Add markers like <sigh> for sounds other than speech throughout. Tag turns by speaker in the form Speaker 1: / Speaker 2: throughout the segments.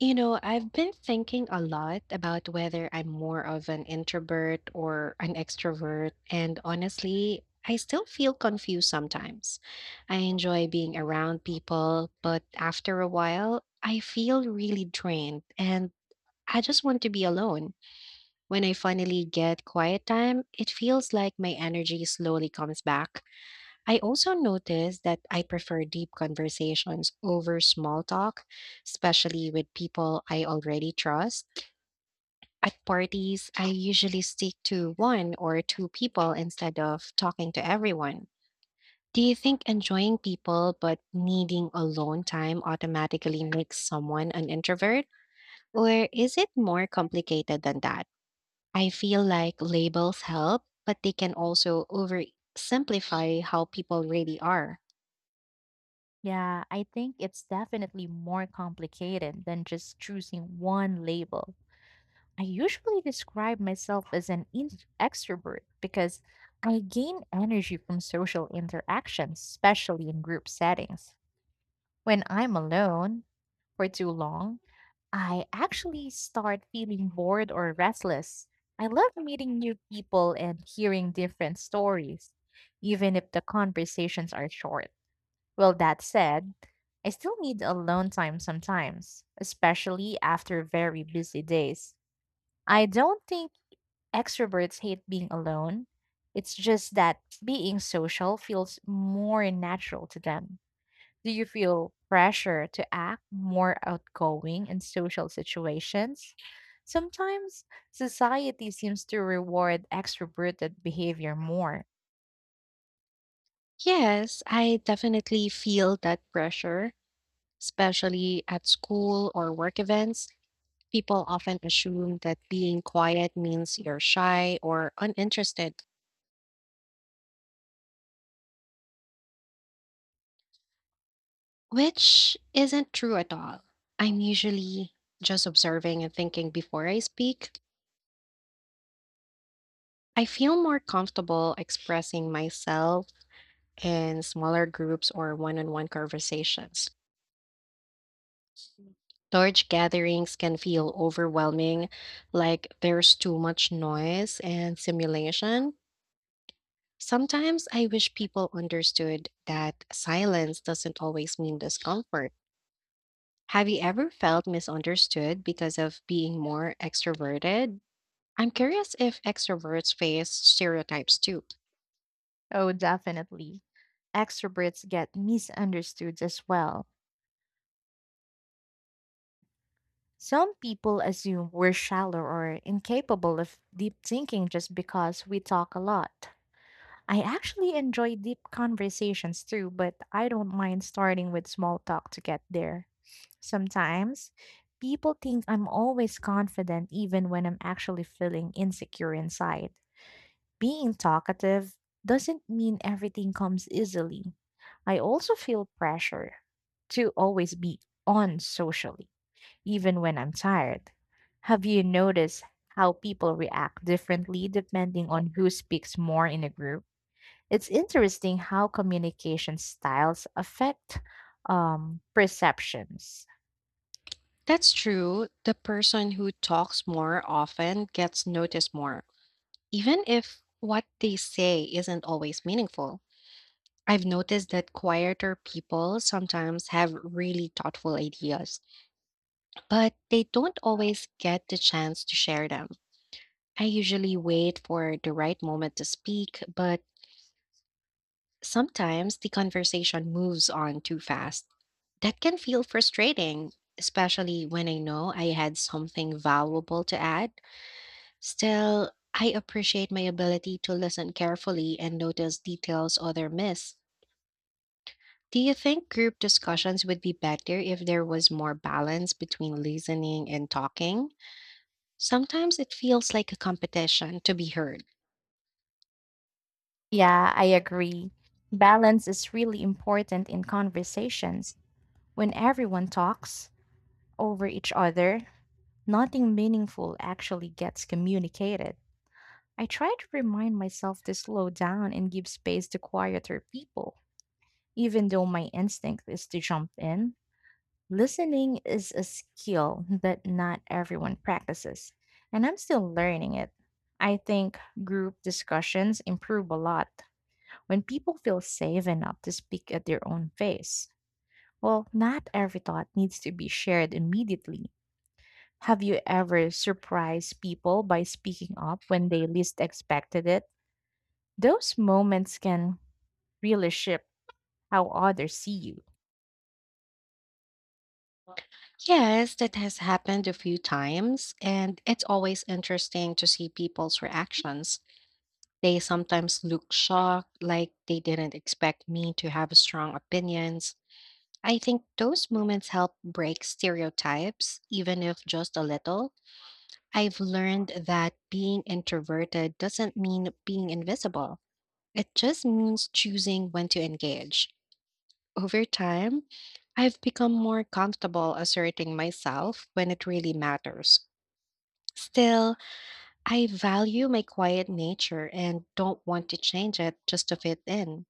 Speaker 1: You know, I've been thinking a lot about whether I'm more of an introvert or an extrovert, and honestly, I still feel confused sometimes. I enjoy being around people, but after a while, I feel really drained and I just want to be alone. When I finally get quiet time, it feels like my energy slowly comes back. I also noticed that I prefer deep conversations over small talk, especially with people I already trust. At parties, I usually stick to one or two people instead of talking to everyone. Do you think enjoying people but needing alone time automatically makes someone an introvert? Or is it more complicated than that? I feel like labels help, but they can also oversimplify how people really are.
Speaker 2: Yeah, I think it's definitely more complicated than just choosing one label. I usually describe myself as an extrovert because I gain energy from social interactions, especially in group settings. When I'm alone for too long, I actually start feeling bored or restless. I love meeting new people and hearing different stories, even if the conversations are short. Well, that said, I still need alone time sometimes, especially after very busy days. I don't think extroverts hate being alone. It's just that being social feels more natural to them. Do you feel pressure to act more outgoing in social situations? Sometimes society seems to reward extroverted behavior more.
Speaker 1: Yes, I definitely feel that pressure, especially at school or work events. People often assume that being quiet means you're shy or uninterested, which isn't true at all. I'm usually just observing and thinking before I speak. I feel more comfortable expressing myself in smaller groups or one on one conversations. Large gatherings can feel overwhelming, like there's too much noise and simulation. Sometimes I wish people understood that silence doesn't always mean discomfort. Have you ever felt misunderstood because of being more extroverted? I'm curious if extroverts face stereotypes too.
Speaker 2: Oh, definitely. Extroverts get misunderstood as well. Some people assume we're shallow or incapable of deep thinking just because we talk a lot. I actually enjoy deep conversations too, but I don't mind starting with small talk to get there. Sometimes people think I'm always confident even when I'm actually feeling insecure inside. Being talkative doesn't mean everything comes easily. I also feel pressure to always be on socially even when I'm tired. Have you noticed how people react differently depending on who speaks more in a group? It's interesting how communication styles affect perceptions.
Speaker 1: That's true. The person who talks more often gets noticed more, even if what they say isn't always meaningful. I've noticed that quieter people sometimes have really thoughtful ideas, but they don't always get the chance to share them. I usually wait for the right moment to speak, but sometimes the conversation moves on too fast. That can feel frustrating, especially when I know I had something valuable to add. Still, I appreciate my ability to listen carefully and notice details other miss. Do you think group discussions would be better if there was more balance between listening and talking? Sometimes it feels like a competition to be heard.
Speaker 2: Yeah, I agree. Balance is really important in conversations. When everyone talks over each other, nothing meaningful actually gets communicated. I try to remind myself to slow down and give space to quieter people. Even though my instinct is to jump in, listening is a skill that not everyone practices, and I'm still learning it. I think group discussions improve a lot when people feel safe enough to speak at their own pace. Well, not every thought needs to be shared immediately. Have you ever surprised people by speaking up when they least expected it? Those moments can really shift how others see you.
Speaker 1: Yes, that has happened a few times, and it's always interesting to see people's reactions. They sometimes look shocked, like they didn't expect me to have strong opinions. I think those moments help break stereotypes, even if just a little. I've learned that being introverted doesn't mean being invisible. It just means choosing when to engage. Over time, I've become more comfortable asserting myself when it really matters. Still, I value my quiet nature and don't want to change it just to fit in.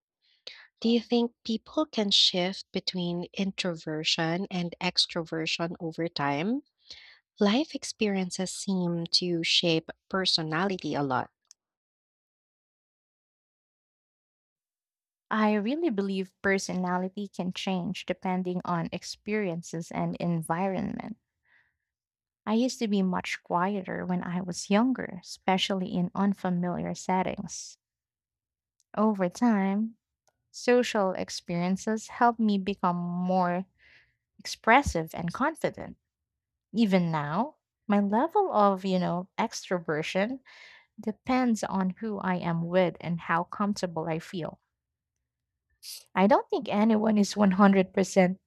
Speaker 1: Do you think people can shift between introversion and extroversion over time? Life experiences seem to shape personality a lot.
Speaker 2: I really believe personality can change depending on experiences and environment. I used to be much quieter when I was younger, especially in unfamiliar settings. Over time, social experiences helped me become more expressive and confident. Even now, my level of, you know, extroversion depends on who I am with and how comfortable I feel. I don't think anyone is 100%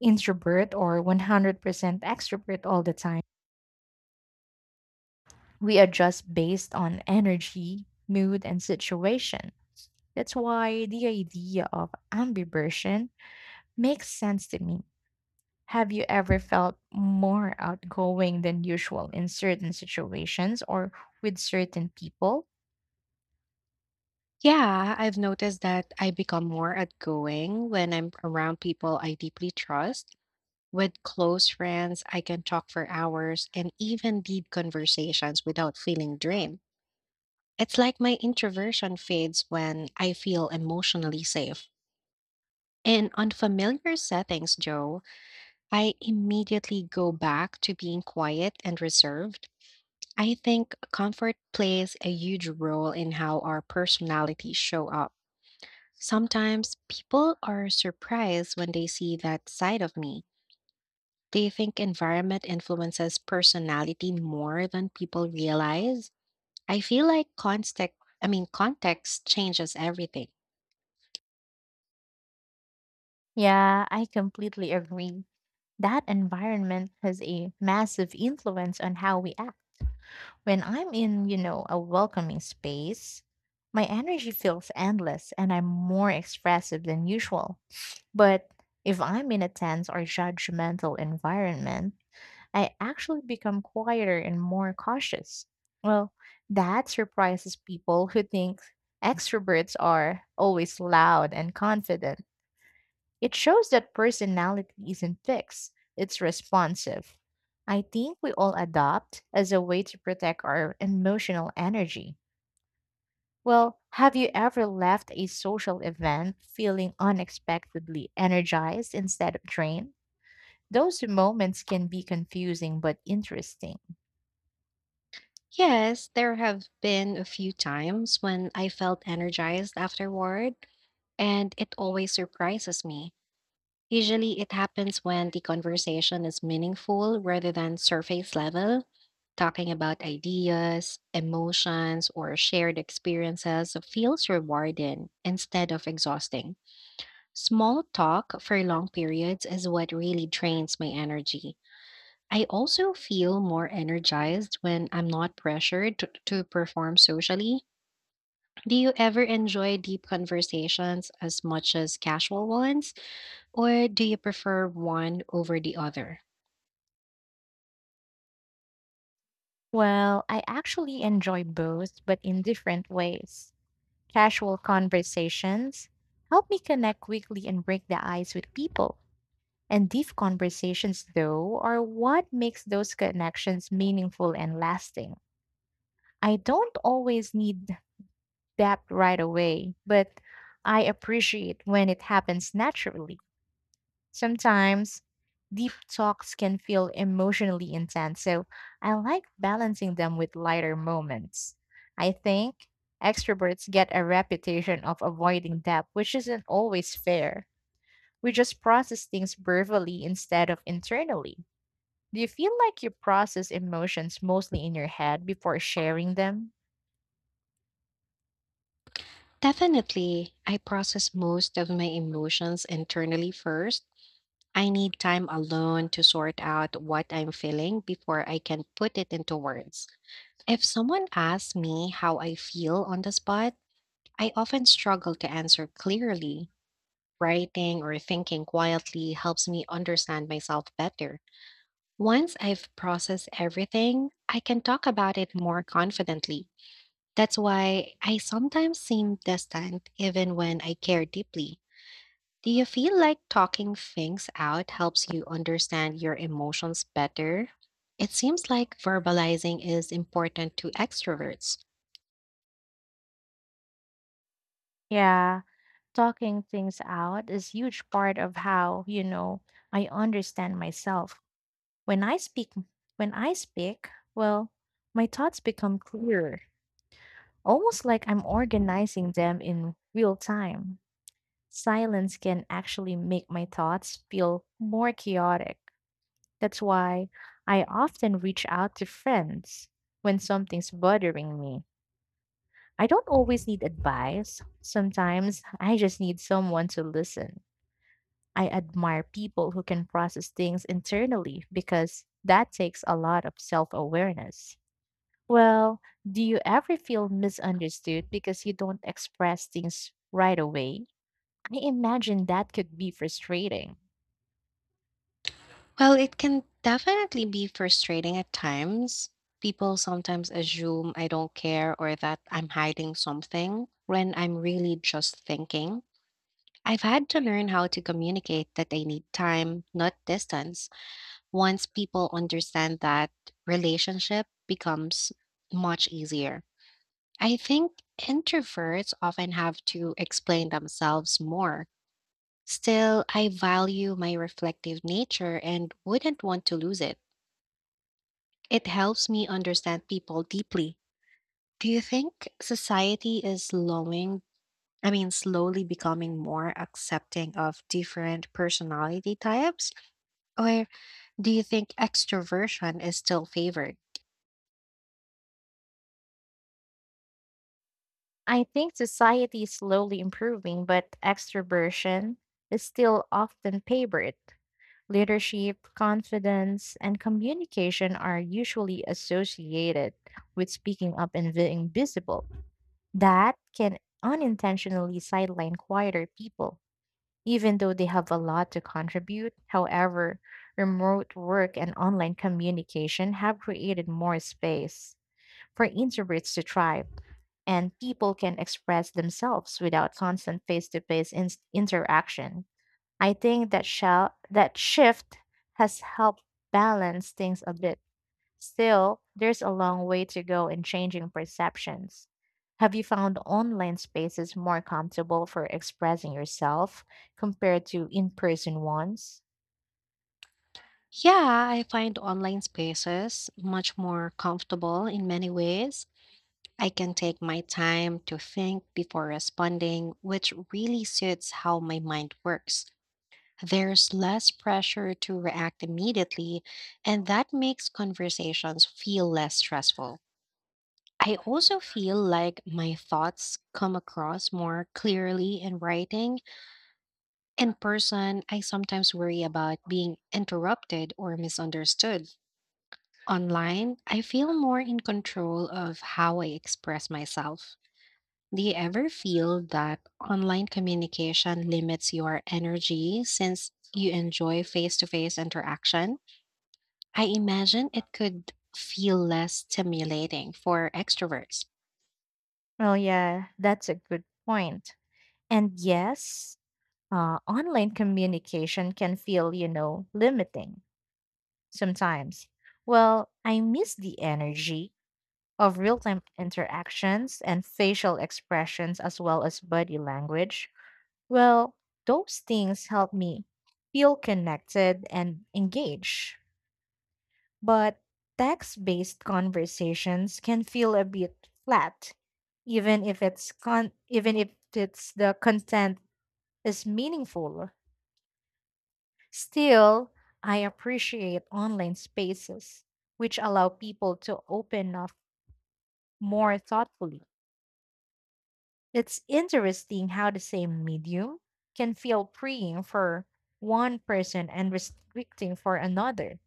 Speaker 2: introvert or 100% extrovert all the time. We adjust based on energy, mood, and situation. That's why the idea of ambiversion makes sense to me. Have you ever felt more outgoing than usual in certain situations or with certain people?
Speaker 1: Yeah, I've noticed that I become more outgoing when I'm around people I deeply trust. With close friends, I can talk for hours and even deep conversations without feeling drained. It's like my introversion fades when I feel emotionally safe. In unfamiliar settings, Joe, I immediately go back to being quiet and reserved. I think comfort plays a huge role in how our personalities show up. Sometimes people are surprised when they see that side of me. Do you think environment influences personality more than people realize? I feel like context, I mean context changes everything.
Speaker 2: Yeah, I completely agree. That environment has a massive influence on how we act. When I'm in, you know, a welcoming space, my energy feels endless and I'm more expressive than usual. But if I'm in a tense or judgmental environment, I actually become quieter and more cautious. Well, that surprises people who think extroverts are always loud and confident. It shows that personality isn't fixed, it's responsive. I think we all adopt as a way to protect our emotional energy. Well, have you ever left a social event feeling unexpectedly energized instead of drained? Those moments can be confusing but interesting.
Speaker 1: Yes, there have been a few times when I felt energized afterward, and it always surprises me. Usually, it happens when the conversation is meaningful rather than surface level, talking about ideas, emotions, or shared experiences feels rewarding instead of exhausting. Small talk for long periods is what really drains my energy. I also feel more energized when I'm not pressured to perform socially. Do you ever enjoy deep conversations as much as casual ones? Or do you prefer one over the other?
Speaker 2: Well, I actually enjoy both, but in different ways. Casual conversations help me connect quickly and break the ice with people. And deep conversations, though, are what makes those connections meaningful and lasting. I don't always need depth right away, but I appreciate when it happens naturally. Sometimes deep talks can feel emotionally intense, so I like balancing them with lighter moments. I think extroverts get a reputation of avoiding depth, which isn't always fair. We just process things verbally instead of internally. Do you feel like you process emotions mostly in your head before sharing them?
Speaker 1: Definitely, I process most of my emotions internally first. I need time alone to sort out what I'm feeling before I can put it into words. If someone asks me how I feel on the spot, I often struggle to answer clearly. Writing or thinking quietly helps me understand myself better. Once I've processed everything, I can talk about it more confidently. That's why I sometimes seem distant even when I care deeply. Do you feel like talking things out helps you understand your emotions better? It seems like verbalizing is important to extroverts.
Speaker 2: Yeah, talking things out is huge part of how, you know, I understand myself. When I speak, when I speak, well, my thoughts become clearer, almost like I'm organizing them in real time. Silence can actually make my thoughts feel more chaotic. That's why I often reach out to friends when something's bothering me. I don't always need advice. Sometimes I just need someone to listen. I admire people who can process things internally because that takes a lot of self awareness. Well, do you ever feel misunderstood because you don't express things right away? I imagine that could be frustrating.
Speaker 1: Well, it can definitely be frustrating at times. People sometimes assume I don't care or that I'm hiding something when I'm really just thinking. I've had to learn how to communicate that I need time, not distance. Once people understand that, relationship becomes much easier. I think introverts often have to explain themselves more. Still, I value my reflective nature and wouldn't want to lose it. It helps me understand people deeply. Do you think society is slowly becoming more accepting of different personality types? Or do you think extroversion is still favored?
Speaker 2: I think society is slowly improving, but extroversion is still often favored. Leadership, confidence, and communication are usually associated with speaking up and being visible. That can unintentionally sideline quieter people, even though they have a lot to contribute. However, remote work and online communication have created more space for introverts to thrive, and people can express themselves without constant face to face interaction. I think that shift has helped balance things a bit. Still, there's a long way to go in changing perceptions. Have you found online spaces more comfortable for expressing yourself compared to in-person ones?
Speaker 1: Yeah, I find online spaces much more comfortable in many ways. I can take my time to think before responding, which really suits how my mind works. There's less pressure to react immediately, and that makes conversations feel less stressful. I also feel like my thoughts come across more clearly in writing. In person, I sometimes worry about being interrupted or misunderstood. Online, I feel more in control of how I express myself. Do you ever feel that online communication limits your energy since you enjoy face to face interaction? I imagine it could feel less stimulating for extroverts.
Speaker 2: Oh yeah, that's a good point. And yes, online communication can feel, you know, limiting sometimes. Well, I miss the energy of real time interactions and facial expressions as well as body language. Well, those things help me feel connected and engaged. But text based conversations can feel a bit flat, even if even if it's the content is meaningful. Still, I appreciate online spaces which allow people to open up more thoughtfully. It's interesting how the same medium can feel freeing for one person and restricting for another.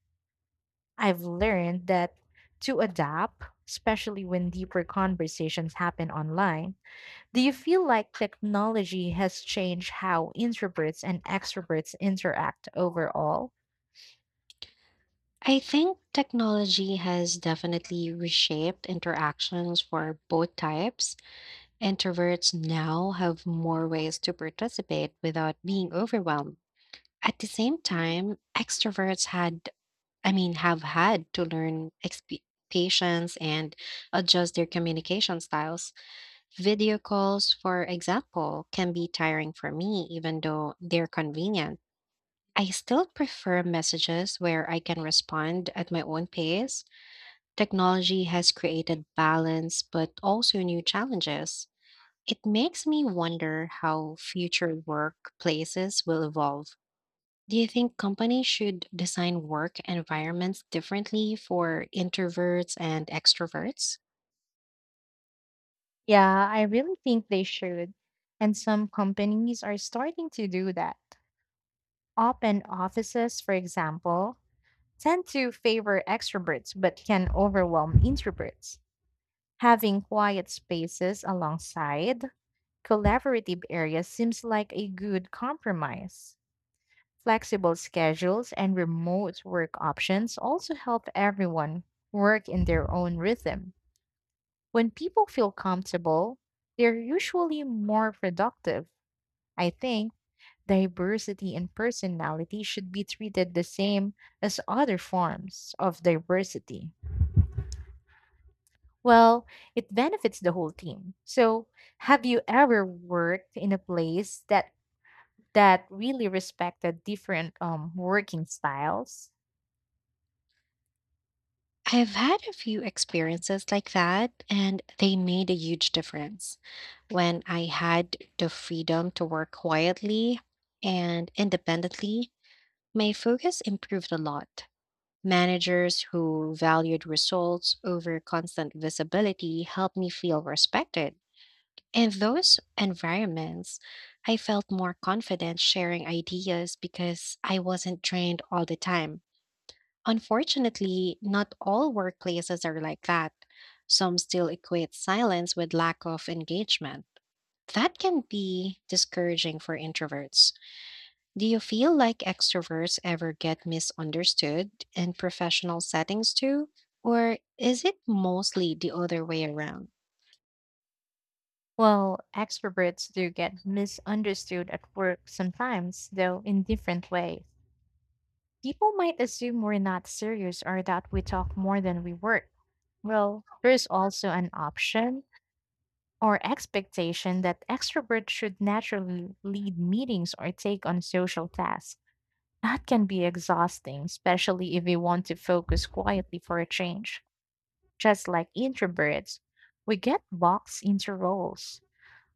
Speaker 2: I've learned that to adapt, especially when deeper conversations happen online, do you feel like technology has changed how introverts and extroverts interact overall?
Speaker 1: I think technology has definitely reshaped interactions for both types. Introverts now have more ways to participate without being overwhelmed. At the same time, extroverts have had to learn patience and adjust their communication styles. Video calls, for example, can be tiring for me, even though they're convenient. I still prefer messages where I can respond at my own pace. Technology has created balance, but also new challenges. It makes me wonder how future workplaces will evolve. Do you think companies should design work environments differently for introverts and extroverts?
Speaker 2: Yeah, I really think they should. And some companies are starting to do that. Open offices, for example, tend to favor extroverts but can overwhelm introverts. Having quiet spaces alongside collaborative areas seems like a good compromise. Flexible schedules and remote work options also help everyone work in their own rhythm. When people feel comfortable, they're usually more productive. I think diversity in personality should be treated the same as other forms of diversity. Well, it benefits the whole team. So, have you ever worked in a place that really respected different working styles?
Speaker 1: I've had a few experiences like that, and they made a huge difference. When I had the freedom to work quietly and independently, my focus improved a lot. Managers who valued results over constant visibility helped me feel respected. In those environments, I felt more confident sharing ideas because I wasn't trained all the time. Unfortunately, not all workplaces are like that. Some still equate silence with lack of engagement. That can be discouraging for introverts. Do you feel like extroverts ever get misunderstood in professional settings too? Or is it mostly the other way around?
Speaker 2: Well, extroverts do get misunderstood at work sometimes, though in different ways. People might assume we're not serious or that we talk more than we work. Well, there's also an option or expectation that extroverts should naturally lead meetings or take on social tasks. That can be exhausting, especially if we want to focus quietly for a change. Just like introverts, we get boxed into roles.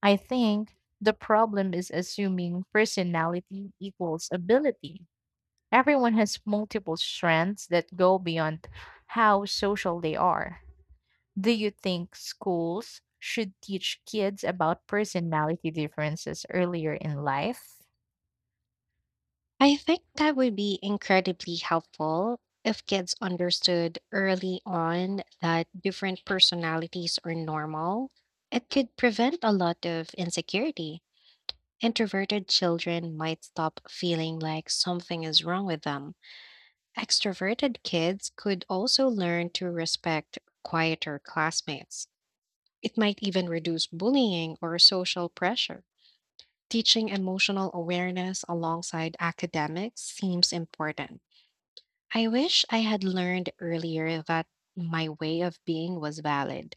Speaker 2: I think the problem is assuming personality equals ability. Everyone has multiple strengths that go beyond how social they are. Do you think schools should teach kids about personality differences earlier in life?
Speaker 1: I think that would be incredibly helpful if kids understood early on that different personalities are normal. It could prevent a lot of insecurity. Introverted children might stop feeling like something is wrong with them. Extroverted kids could also learn to respect quieter classmates. It might even reduce bullying or social pressure. Teaching emotional awareness alongside academics seems important. I wish I had learned earlier that my way of being was valid.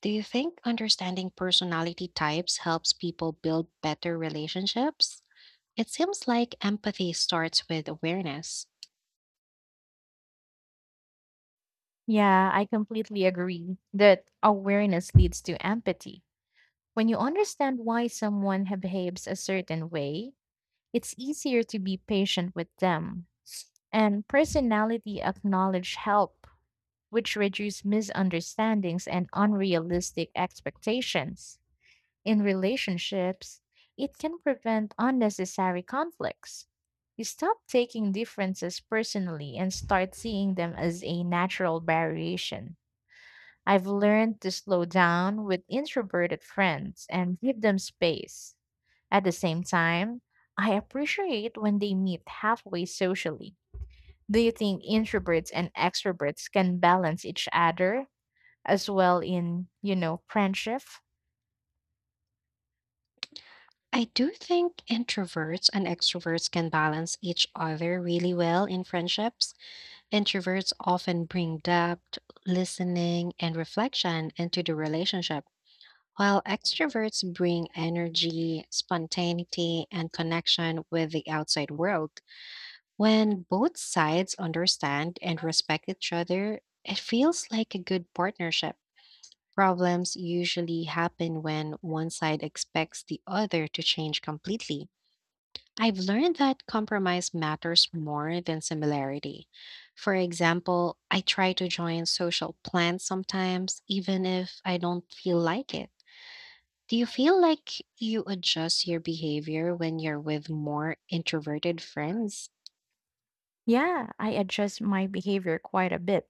Speaker 1: Do you think understanding personality types helps people build better relationships? It seems like empathy starts with awareness.
Speaker 2: Yeah, I completely agree that awareness leads to empathy. When you understand why someone behaves a certain way, it's easier to be patient with them. And personality acknowledge help, which reduce misunderstandings and unrealistic expectations. In relationships, it can prevent unnecessary conflicts. You stop taking differences personally and start seeing them as a natural variation. I've learned to slow down with introverted friends and give them space. At the same time, I appreciate when they meet halfway socially. Do you think introverts and extroverts can balance each other as well in, you know, friendship?
Speaker 1: I do think introverts and extroverts can balance each other really well in friendships. Introverts often bring depth, listening, and reflection into the relationship. While extroverts bring energy, spontaneity, and connection with the outside world, when both sides understand and respect each other, it feels like a good partnership. Problems usually happen when one side expects the other to change completely. I've learned that compromise matters more than similarity. For example, I try to join social plans sometimes, even if I don't feel like it. Do you feel like you adjust your behavior when you're with more introverted friends?
Speaker 2: Yeah, I adjust my behavior quite a bit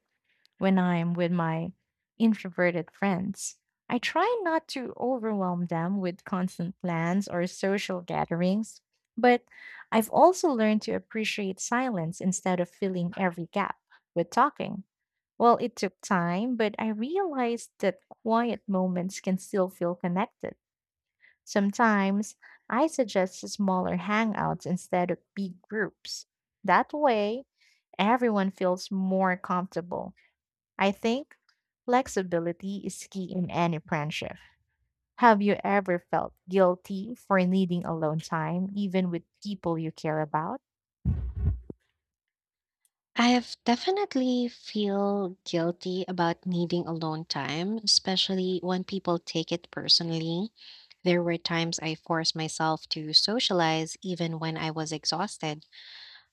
Speaker 2: when I'm with my introverted friends. I try not to overwhelm them with constant plans or social gatherings, but I've also learned to appreciate silence instead of filling every gap with talking. Well, it took time, but I realized that quiet moments can still feel connected. Sometimes I suggest smaller hangouts instead of big groups. That way, everyone feels more comfortable. I think flexibility is key in any friendship. Have you ever felt guilty for needing alone time, even with people you care about?
Speaker 1: I have definitely feel guilty about needing alone time, especially when people take it personally. There were times I forced myself to socialize even when I was exhausted.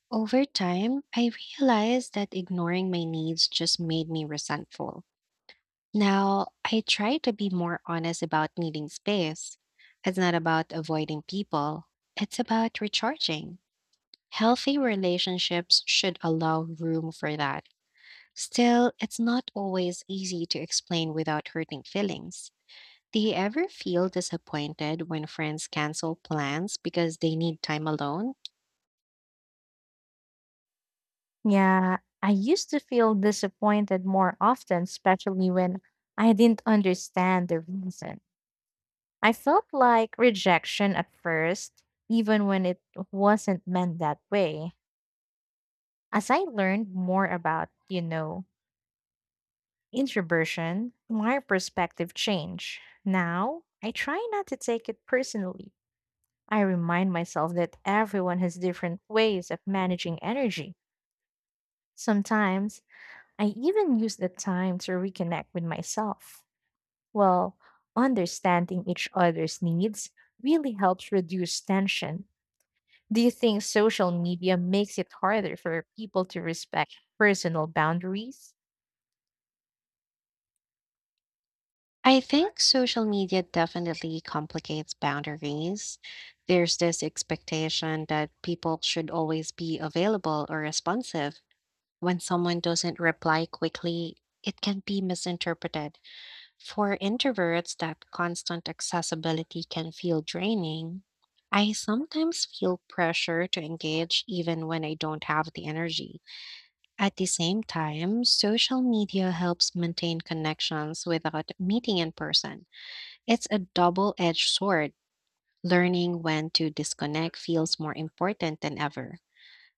Speaker 1: Over time, I realized that ignoring my needs just made me resentful. Now, I try to be more honest about needing space. It's not about avoiding people, it's about recharging. Healthy relationships should allow room for that. Still, it's not always easy to explain without hurting feelings. Do you ever feel disappointed when friends cancel plans because they need time alone?
Speaker 2: Yeah, I used to feel disappointed more often, especially when I didn't understand the reason. I felt like rejection at first, even when it wasn't meant that way. As I learned more about, you know, introversion, my perspective changed. Now, I try not to take it personally. I remind myself that everyone has different ways of managing energy. Sometimes, I even use the time to reconnect with myself. Well, understanding each other's needs really helps reduce tension. Do you think social media makes it harder for people to respect personal boundaries?
Speaker 1: I think social media definitely complicates boundaries. There's this expectation that people should always be available or responsive. When someone doesn't reply quickly, it can be misinterpreted. For introverts, that constant accessibility can feel draining. I sometimes feel pressure to engage even when I don't have the energy. At the same time, social media helps maintain connections without meeting in person. It's a double edged sword. Learning when to disconnect feels more important than ever.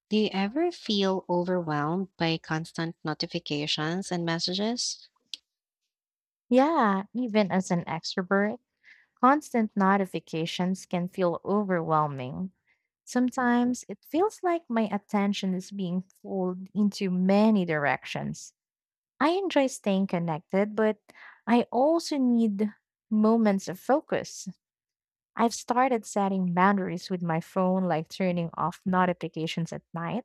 Speaker 1: Do you ever feel overwhelmed by constant notifications and messages?
Speaker 2: Yeah, even as an extrovert. Constant notifications can feel overwhelming. Sometimes it feels like my attention is being pulled into many directions. I enjoy staying connected, but I also need moments of focus. I've started setting boundaries with my phone, like turning off notifications at night,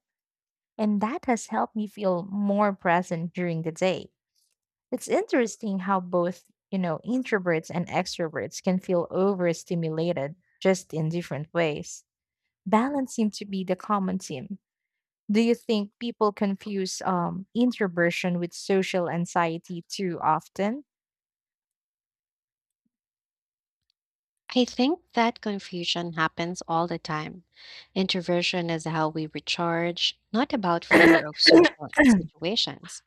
Speaker 2: and that has helped me feel more present during the day. It's interesting how both, you know, introverts and extroverts can feel overstimulated just in different ways. Balance seems to be the common theme. Do you think people confuse introversion with social anxiety too often?
Speaker 1: I think that confusion happens all the time. Introversion is how we recharge, not about
Speaker 2: <coughs>
Speaker 1: fear of social situations.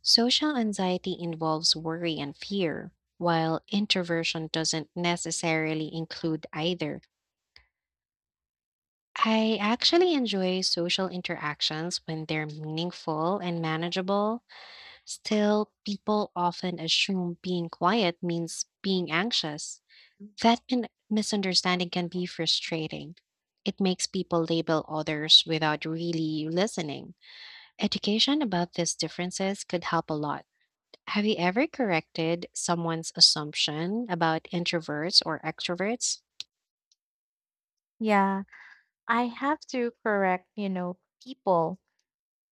Speaker 1: Social anxiety involves worry and fear, while introversion doesn't necessarily include either. I actually enjoy social interactions when they're meaningful and manageable. Still, people often assume being quiet means being anxious. That misunderstanding can be frustrating. It makes people label others without really listening. Education about these differences could help a lot. Have you ever corrected someone's assumption about introverts or extroverts?
Speaker 2: Yeah, I have to correct, you know, people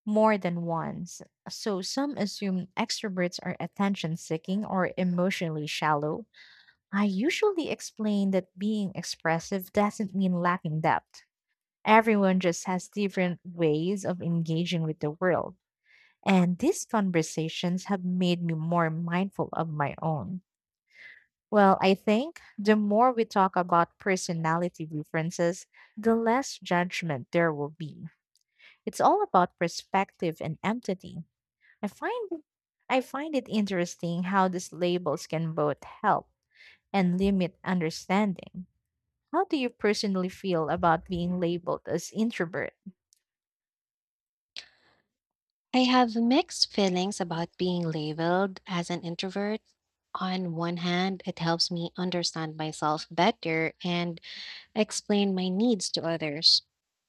Speaker 2: more than once. So some assume extroverts are attention seeking or emotionally shallow, I usually explain that being expressive doesn't mean lacking depth. Everyone just has different ways of engaging with the world. And these conversations have made me more mindful of my own. Well, I think the more we talk about personality differences, the less judgment there will be. It's all about perspective and empathy. I find it- I find it interesting how these labels can both help and limit understanding. How do you personally feel about being labeled as introvert?
Speaker 1: I have mixed feelings about being labeled as an introvert. On one hand, it helps me understand myself better and explain my needs to others.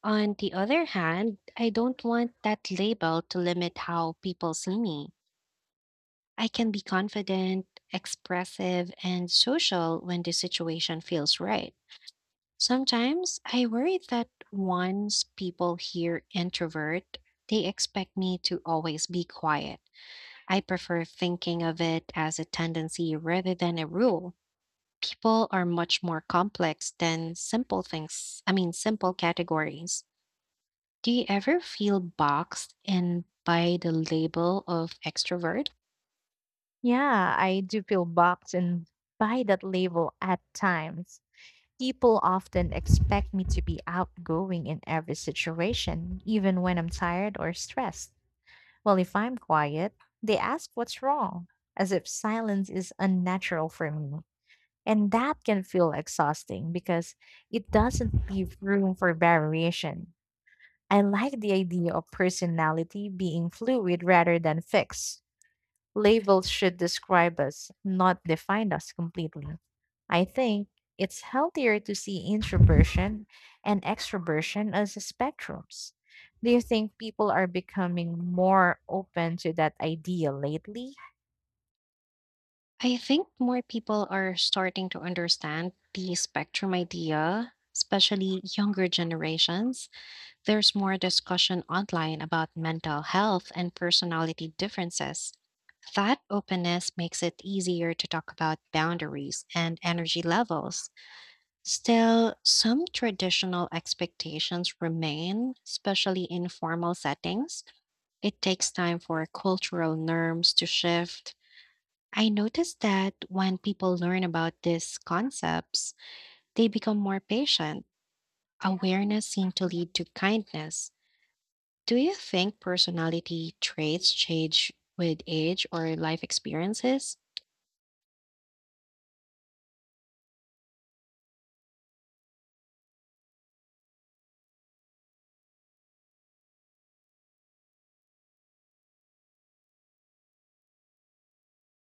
Speaker 1: On the other hand, I don't want that label to limit how people see me. I can be confident, expressive, and social when the situation feels right. Sometimes I worry that once people hear introvert, they expect me to always be quiet. I prefer thinking of it as a tendency rather than a rule. People are much more complex than simple things, I mean, simple categories. Do you ever feel boxed in by the label of extrovert?
Speaker 2: Yeah, I do feel boxed in by that label at times. People often expect me to be outgoing in every situation, even when I'm tired or stressed. Well, if I'm quiet, they ask what's wrong, as if silence is unnatural for me. And that can feel exhausting because it doesn't leave room for variation. I like the idea of personality being fluid rather than fixed. Labels should describe us, not define us completely. I think it's healthier to see introversion and extroversion as spectrums. Do you think people are becoming more open to that idea lately?
Speaker 1: I think more people are starting to understand the spectrum idea, especially younger generations. There's more discussion online about mental health and personality differences. That openness makes it easier to talk about boundaries and energy levels. Still, some traditional expectations remain, especially in formal settings. It takes time for cultural norms to shift. I noticed that when people learn about these concepts, they become more patient. Awareness seems to lead to kindness. Do you think personality traits change with age or life experiences?